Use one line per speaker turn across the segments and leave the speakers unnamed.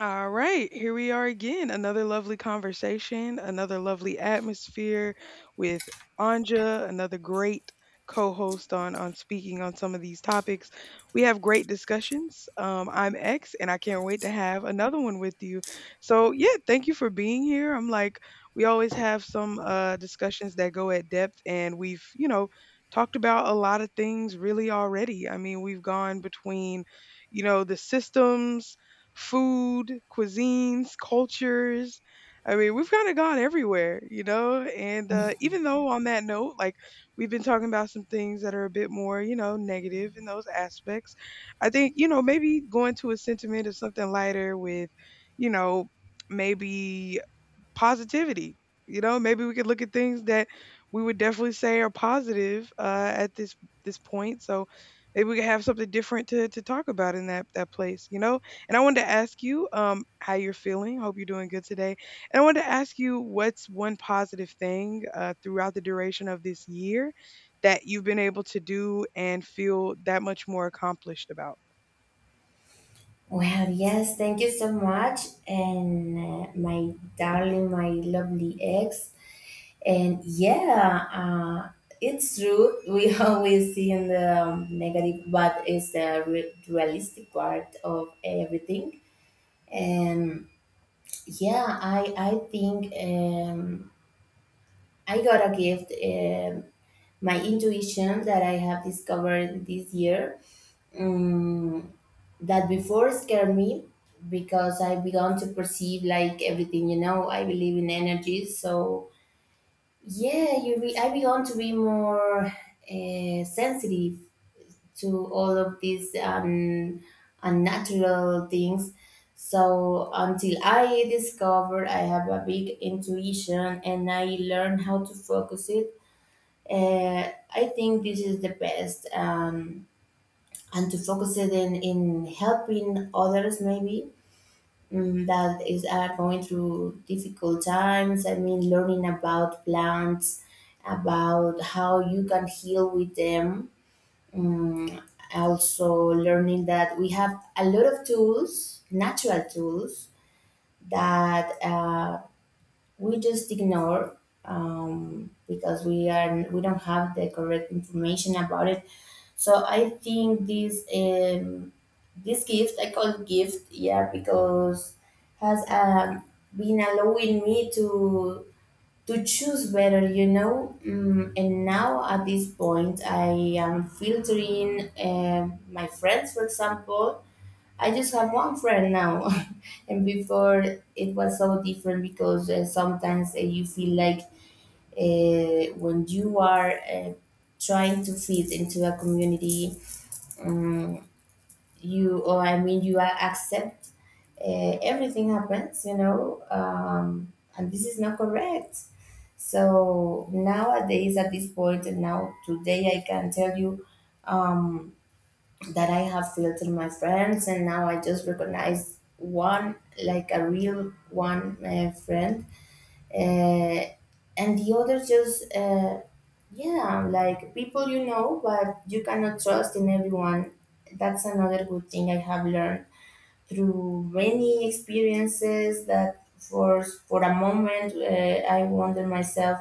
All right, here we are again. Another lovely conversation, another lovely atmosphere with Anja, another great co-host on speaking on some of these topics. We have great discussions. I'm X, and I can't wait to have another one with you. So yeah, thank you for being here. I'm like we always have some discussions that go at depth, and we've talked about a lot of things really already. I mean, we've gone between you know the systems, food, cuisines, cultures. I mean, we've kind of gone everywhere, you know? And even though on that note, like we've been talking about some things that are a bit more, you know, negative in those aspects, I think, you know, maybe going to a sentiment of something lighter with, you know, maybe positivity. You know, maybe we could look at things that we would definitely say are positive at this point. So maybe we could have something different to talk about in that place. You know, and I wanted to ask you how you're feeling. Hope you're doing good today. And I wanted to ask you what's one positive thing throughout the duration of this year that you've been able to do and feel that much more accomplished about.
Well, yes, thank you so much. And my darling, my lovely ex. And yeah, it's true. We always see in the negative, but it's the realistic part of everything. And yeah, I think I got a gift, my intuition that I have discovered this year, um, that before scared me because I began to perceive like everything, you know, I believe in energy. So, yeah, I began to be more sensitive to all of these, unnatural things. So, until I discovered I have a big intuition and I learned how to focus it, I think this is the best. And to focus it in helping others maybe, mm, that is are going through difficult times. I mean, learning about plants, about how you can heal with them. mm, Also learning that we have a lot of tools, natural tools, that we just ignore, because we don't have the correct information about it. So I think this, this gift, I call gift, yeah, because has, um, been allowing me to choose better, you know. Mm, and now at this point, I am filtering, my friends, for example. I just have one friend now, and before it was so different because, sometimes you feel like, when you are, trying to fit into a community, mm, you or I mean, you are accept, everything happens, you know, and this is not correct. So nowadays at this point and now today, I can tell you, um, that I have filtered my friends and now I just recognize one, like a real one, friend, uh, and the others just, yeah, like people, you know, but you cannot trust in everyone. That's another good thing I have learned through many experiences. That for a moment, I wonder myself,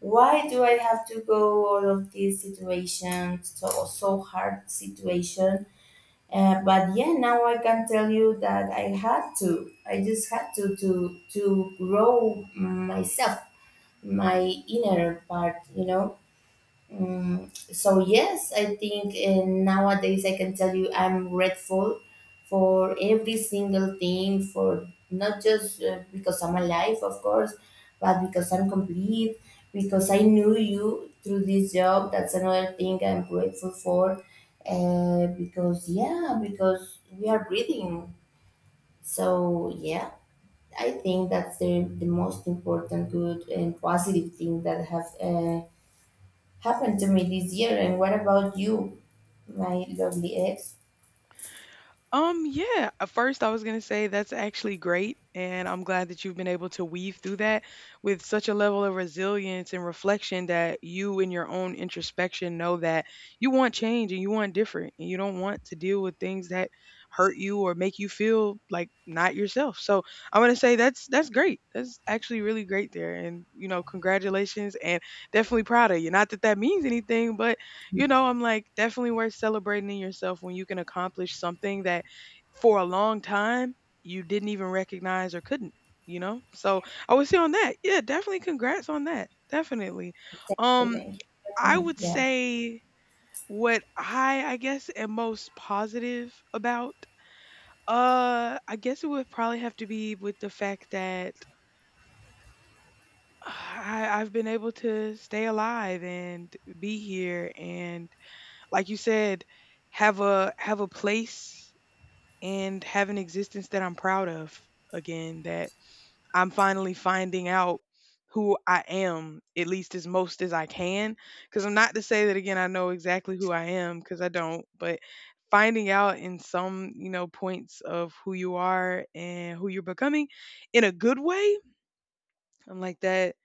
why do I have to go all of these situations, so so hard situation. But yeah, now I can tell you that I just had to to grow myself, my inner part, you know. Mm, so yes, I think, nowadays I can tell you I'm grateful for every single thing. For not just, because I'm alive, of course, but because I'm complete, because I knew you through this job. That's another thing I'm grateful for. Because yeah, because we are breathing. So yeah, I think that's the most important good and positive thing that have, happened to me this year. And what about you, my lovely ex?
Yeah, at first I was going to say that's actually great. And I'm glad that you've been able to weave through that with such a level of resilience and reflection that you, in your own introspection, know that you want change and you want different and you don't want to deal with things that hurt you or make you feel like not yourself. So I want to say that's great. That's actually really great there. And, you know, congratulations and definitely proud of you. Not that that means anything, but you know, I'm like definitely worth celebrating in yourself when you can accomplish something that for a long time you didn't even recognize or couldn't, you know? So I would say on that, yeah, definitely congrats on that. Definitely.
Thank you,
Um,
thank you.
I
My.
would
Yeah.
say what I guess am most positive about, I guess it would probably have to be with the fact that I've been able to stay alive and be here and like you said, have a place and have an existence that I'm proud of again that I'm finally finding out who I am, at least as most as I can. Because I'm not to say that again, I know exactly who I am, because I don't, but finding out in some, you know, points of who you are and who you're becoming in a good way, I'm like that.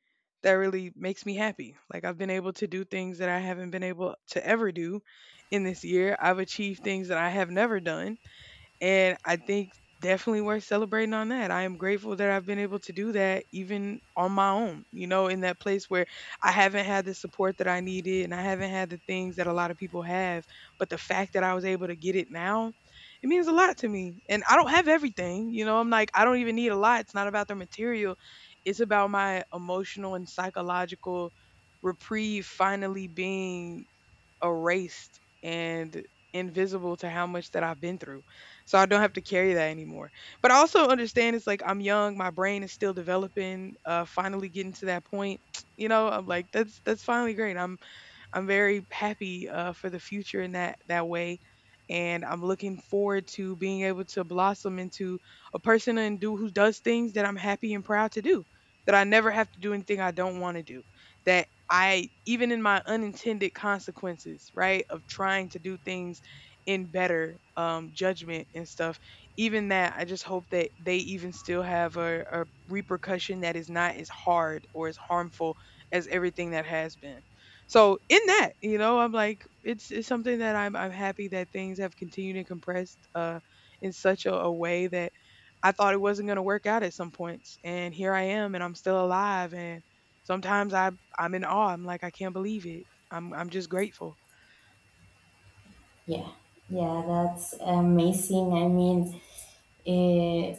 That really makes me happy. Like, I've been able to do things that I haven't been able to ever do in this year. I've achieved things that I have never done and I think definitely worth celebrating on that. I am grateful that I've been able to do that even on my own, you know, in that place where I haven't had the support that I needed and I haven't had the things that a lot of people have. But the fact that I was able to get it now, it means a lot to me. And I don't have everything, you know, I'm like, I don't even need a lot. It's not about the material, it's about my emotional and psychological reprieve finally being erased and invisible to how much that I've been through. So I don't have to carry that anymore. But I also understand it's like I'm young, my brain is still developing, finally getting to that point. You know, I'm like that's finally great. I'm very happy for the future in that way, and I'm looking forward to being able to blossom into a person and do who does things that I'm happy and proud to do. That I never have to do anything I don't want to do. That I even in my unintended consequences, right, of trying to do things in better judgment and stuff. Even that, I just hope that they even still have a repercussion that is not as hard or as harmful as everything that has been. So in that, you know, I'm like, it's something that I'm happy that things have continued and compressed in such a way that I thought it wasn't gonna work out at some points. And here I am and I'm still alive and sometimes I'm in awe. I'm like, I can't believe it. I'm just grateful.
Yeah, yeah, that's amazing. I mean, uh,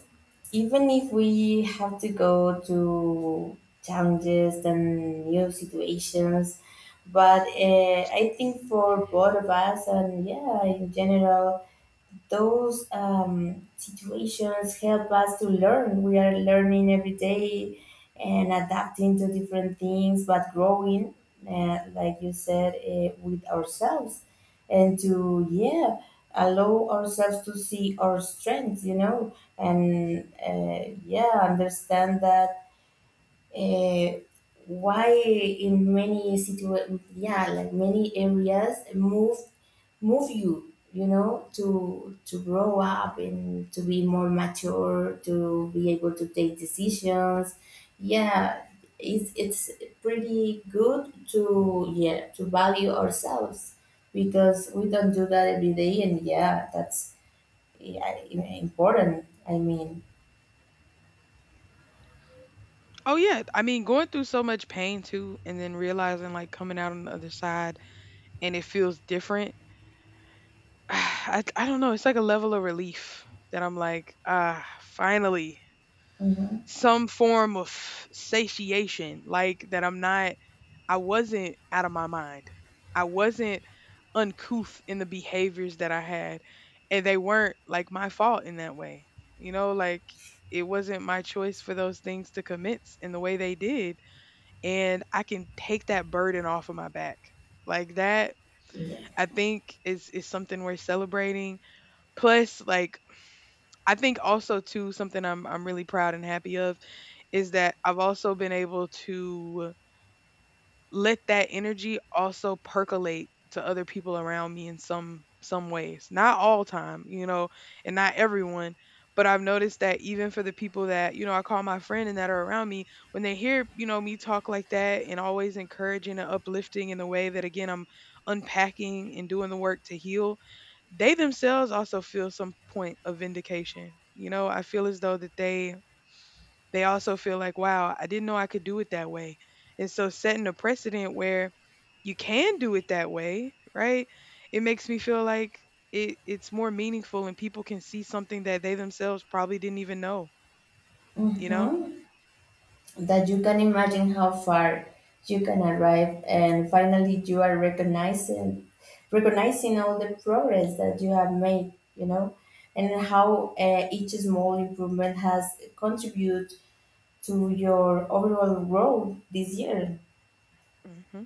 even if we have to go to challenges and new situations, but I think for both of us and yeah, in general, those, situations help us to learn. We are learning every day and adapting to different things, but growing, like you said, with ourselves and to, yeah, allow ourselves to see our strengths, you know, and yeah, understand that, uh, why in yeah, like many areas move, you, you know, to grow
Mhm.
up and to be more mature, to be able to take decisions. Yeah, it's pretty good to, yeah, to value ourselves, because we don't do that every day, and yeah, that's, yeah, important. I mean,
Oh yeah, I mean going through so much pain too, and then realizing like coming out on the other side and it feels different. I don't know. It's like a level of relief that I'm like, ah, finally,
hmm,
some form of satiation, like that I'm not, I wasn't out of my mind. I wasn't uncouth in the behaviors that I had, and they weren't like my fault in that way. You know, like it wasn't my choice for those things to commence in the way they did. And I can take that burden off of my back. Like that,
yeah,
I think is something we're celebrating. Plus, like I think also too something I'm really proud and happy of is that I've also been able to let that energy also percolate to other people around me in some ways. Not all time, you know, and not everyone, but I've noticed that even for the people that, you know, I call my friend and that are around me, when they hear, you know, me talk like that and always encouraging and uplifting in the way that again I'm unpacking and doing the work to heal, they themselves also feel some point of vindication. You know, I feel as though that they also feel like, wow, I didn't know I could do it that way. And so setting a precedent where you can do it that way, right? It makes me feel like it's more meaningful and people can see something that they themselves probably didn't even know, you know?
hmm, that you can imagine how far you can arrive, and finally you are recognizing, all the progress that you have made, you know, and how, each small improvement has contributed to your overall growth this year.
Hmm.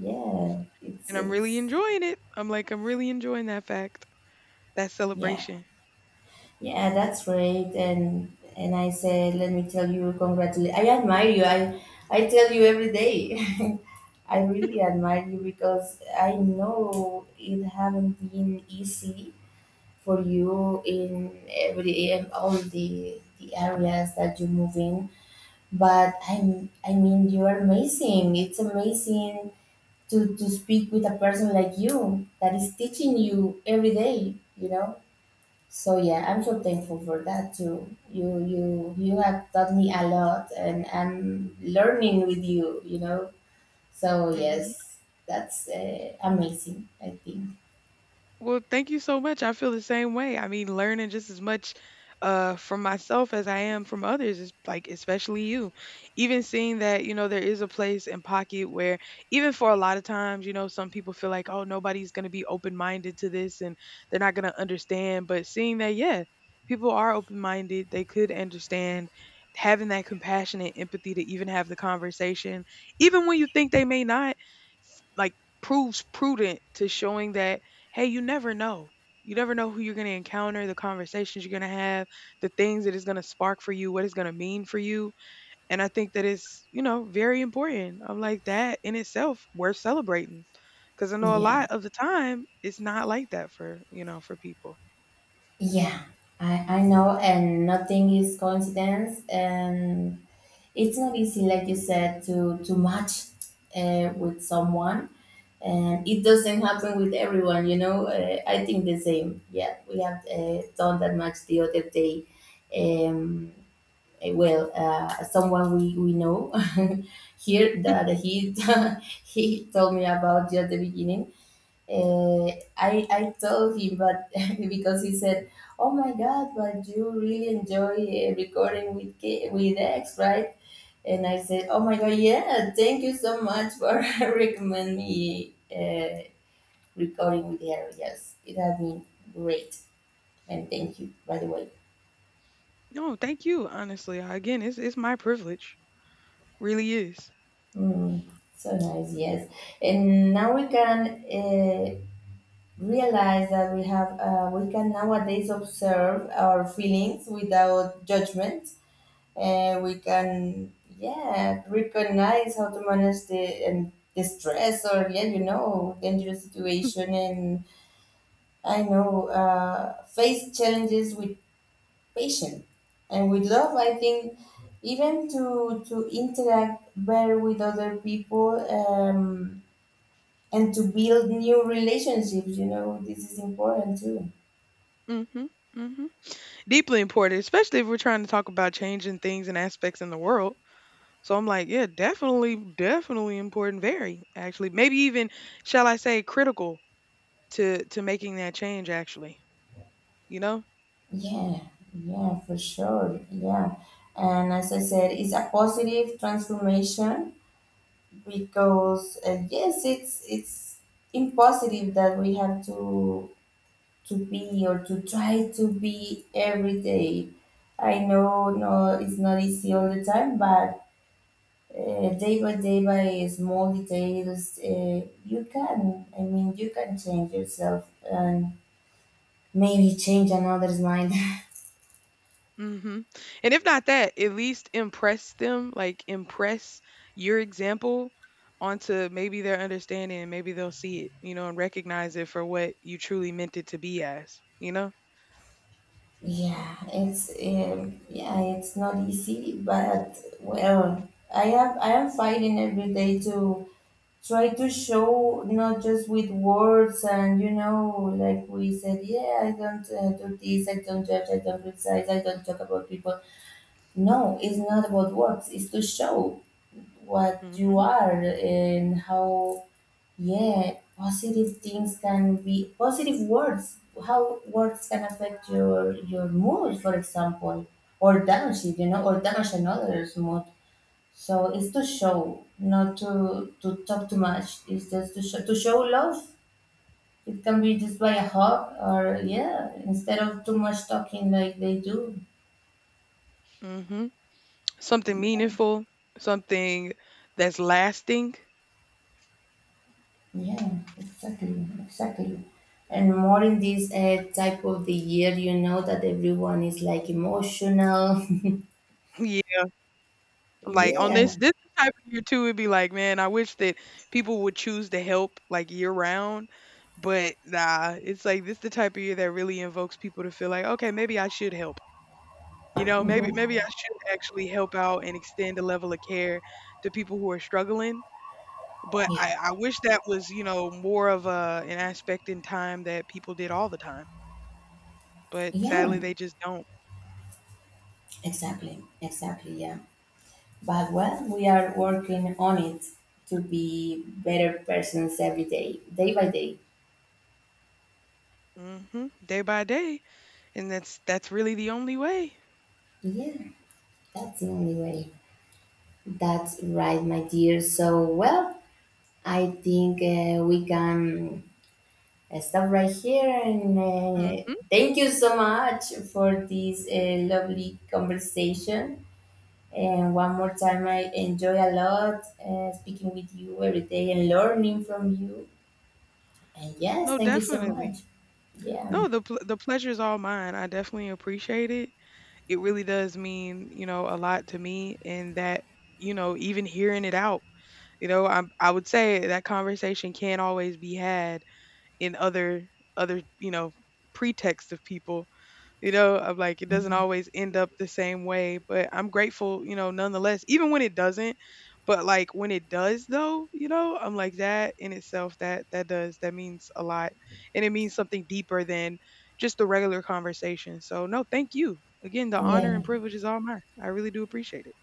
Yeah,
And I'm really
it's,
enjoying it. I'm like, I'm really enjoying that fact, that
yeah,
celebration.
yeah, that's great. And I said, let me tell you congratulations. I admire you. I tell you every day. I really admire you because I know it haven't been easy for you in every, in all the areas that you move in. But I mean, you are amazing. It's amazing to speak with a person like you that is teaching you every day. You know. So yeah, I'm so thankful for that too. You you have taught me a lot, and I'm learning with you. You know, so
Mhm.
yes, that's, amazing, I think.
Well, thank you so much. I feel the same way. I mean, learning just as much from myself as I am from others is like especially you. Even seeing that, you know, there is a place and pocket where even for a lot of times, you know, some people feel like, oh, nobody's gonna be open minded to this and they're not gonna understand. But seeing that, yeah, people are open minded, they could understand having that compassion and empathy to even have the conversation, even when you think they may not, like proves prudent to showing that hey, you never know. You never know who you're going to encounter, the conversations you're going to have, the things that is going to spark for you, what it's going to mean for you. And I think that it's, you know, very important. I'm like, that in itself, worth celebrating. Because I know a
Yeah.
lot of the time, it's not like that for, you know, for people.
Yeah, I know, and nothing is coincidence, and it's not easy, like you said, to match, with someone, and it doesn't happen with everyone. You know, I think the same. Yeah, we have, done that match the other day. Um, Someone we know here, that he he told me about, just the beginning. Uh, I told him, but because he said, "Oh my God, but you really enjoy, recording with X, right?" And I said, "Oh my God, yeah, thank you so much for recommend me, recording with her. Yes, it has been great, and thank you by the way."
No, thank you, honestly. Again, it's my privilege. Really is.
Mm, so nice, yes. And now we can, realize that we have, we can nowadays observe our feelings without judgment, and we can, yeah, recognize how to manage the, the stress, or yeah, you know, dangerous situation, and I know, face challenges with patience and with love. I think even to interact better with other people, and to build new relationships. You know, this is important too.
Hmm. Hmm. Deeply important, especially if we're trying to talk about changing things and aspects in the world. So I'm like, yeah, definitely, definitely important, very actually. Maybe even, shall I say, critical to making that change actually, you know?
Yeah, yeah, for sure. Yeah. And as I said, it's a positive transformation because, yes, it's impossible that we have to be or to try to be every day. I know, no, it's not easy all the time, but, day by day, by small details, you can, I mean, you can change yourself, and maybe change another's mind.
Hmm. And if not that, at least impress them, like impress your example onto maybe their understanding and maybe they'll see it, you know, and recognize it for what you truly meant it to be as, you know?
Yeah, it's yeah, it's not easy, but well, I am fighting every day to try to show, not just with words. And you know, like we said, yeah, I don't, do this, I don't judge, I don't criticize, I don't talk about people. No, it's not about words, it's to show what you
Hmm.
are, and how, yeah, positive things can be positive words. How words can affect your mood, for example, or damage it, you know, or damage another's mood. So it's to show, not to talk too much. It's just to show, to show love. It can be just by a hug, or yeah, instead of too much talking like they do.
Hmm. Something meaningful, something that's lasting.
Yeah, exactly, exactly. And more in this, type of the year, you know, that everyone is like emotional.
I'm like on this
Yeah.
this type of year too, it'd be like, man, I wish that people would choose to help like year round. But nah, it's like this the type of year that really invokes people to feel like, okay, maybe I should help. You know, maybe
Hmm.
maybe I should actually help out and extend a level of care to people who are struggling. But
Yeah.
I wish that was, you know, more of a an aspect in time that people did all the time. But
Yeah,
sadly they just don't.
exactly. Exactly, yeah. But well, we are working on it, to be better persons every day, day by day.
Hmm. Day by day. And that's really the only way.
Yeah, that's the only way. That's right, my dear. So, well, I think, we can, stop right here. And,
Hmm.
thank you so much for this, lovely conversation. And one more time, I enjoy a lot, speaking with you every day and learning from you. And yes,
No,
thank you so much.
definitely.
Yeah,
No, the pleasure is all mine. I definitely appreciate it. It really does mean, you know, a lot to me and that, you know, even hearing it out, you know, I would say that conversation can't always be had in other, you know, pretext of people you know, of like it doesn't always end up the same way, but I'm grateful, you know, nonetheless, even when it doesn't. But like when it does though, you know, I'm like that in itself that that does that means a lot. And it means something deeper than just the regular conversation. So no, thank you. Again, the honor
yeah.
and privilege is all mine. I really do appreciate it.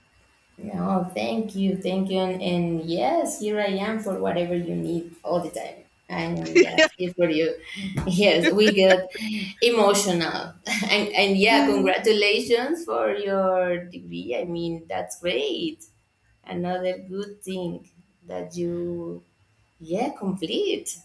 No, thank you, and yes, here I am for whatever you need all the time. And yeah, here for you. Yes, we get emotional, and yeah,
Mhm.
congratulations for your degree. I mean, that's great. Another good thing that you, yeah, complete.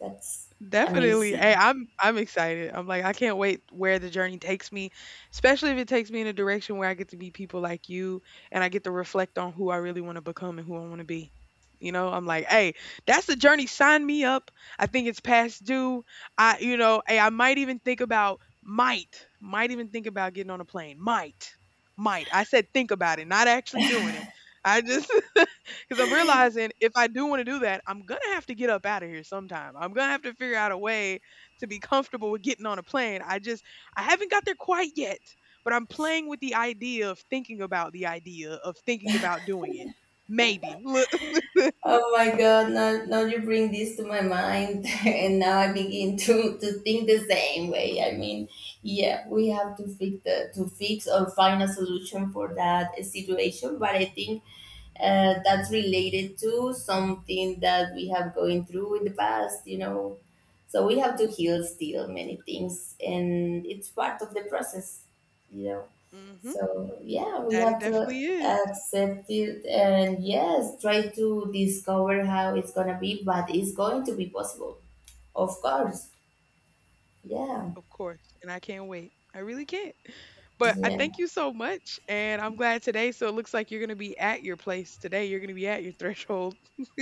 That's
Definitely. Hey,
amazing.
I'm excited. I'm like I can't wait where the journey takes me, especially if it takes me in a direction where I get to meet people like you and I get to reflect on who I really want to become and who I want to be. You know, I'm like, hey, that's the journey. Sign me up. I think it's past due. I, you know, hey, I might even think about might even think about getting on a plane. Might, might. I said think about it, not actually doing it. I just Because I'm realizing if I do want to do that, I'm going to have to get up out of here sometime. I'm going to have to figure out a way to be comfortable with getting on a plane. I just, I haven't got there quite yet, but I'm playing with the idea of thinking about the idea of thinking about doing it. Maybe. Look.
Oh my God, now, now you bring this to my mind, and now I begin to think the same way. I mean, yeah, we have to fix to fix or find a solution for that situation, but I think, that's related to something that we have going through in the past, you know. So we have to
Mhm,
heal still many things, and it's part of the process, you know.
mhm.
So yeah, we
That it
have to
definitely is.
accept it, and yes, try to discover how it's gonna be, but it's going to be possible, of course. Yeah,
Of course, and I can't wait. I really can't. But I
yeah,
thank you so much, and I'm glad today. So it looks like you're gonna be at your place today. You're gonna be at your threshold.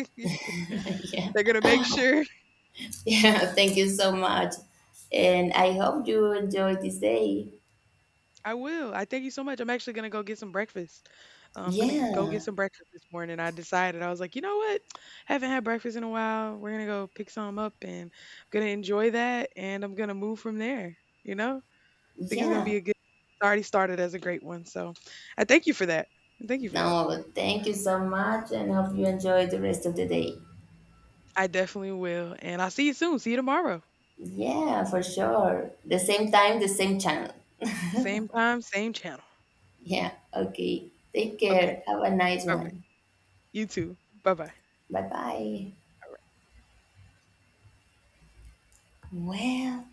yeah,
They're gonna make sure.
yeah. Thank you so much, and I hope you enjoy this day.
I will. I thank you so much. I'm actually gonna go get some breakfast. I'm gonna go get
Yeah,
some breakfast this morning. I decided I was like, you know what? Haven't had breakfast in a while. We're gonna go pick some up, and I'm gonna enjoy that, and I'm gonna move from there. You know, I think it's gonna
yeah.
be a good. It's already started as a great one, so I thank you for that. Thank you for that.
No, thank you so much, and hope you enjoy the rest of the day.
I definitely will, and I'll see you soon. See you tomorrow.
Yeah, for sure. The same time, the same channel.
Same time, same channel.
Yeah, okay. Take
Okay.
care. Have a nice
All right.
one.
You too. Bye-bye.
Bye bye. Well,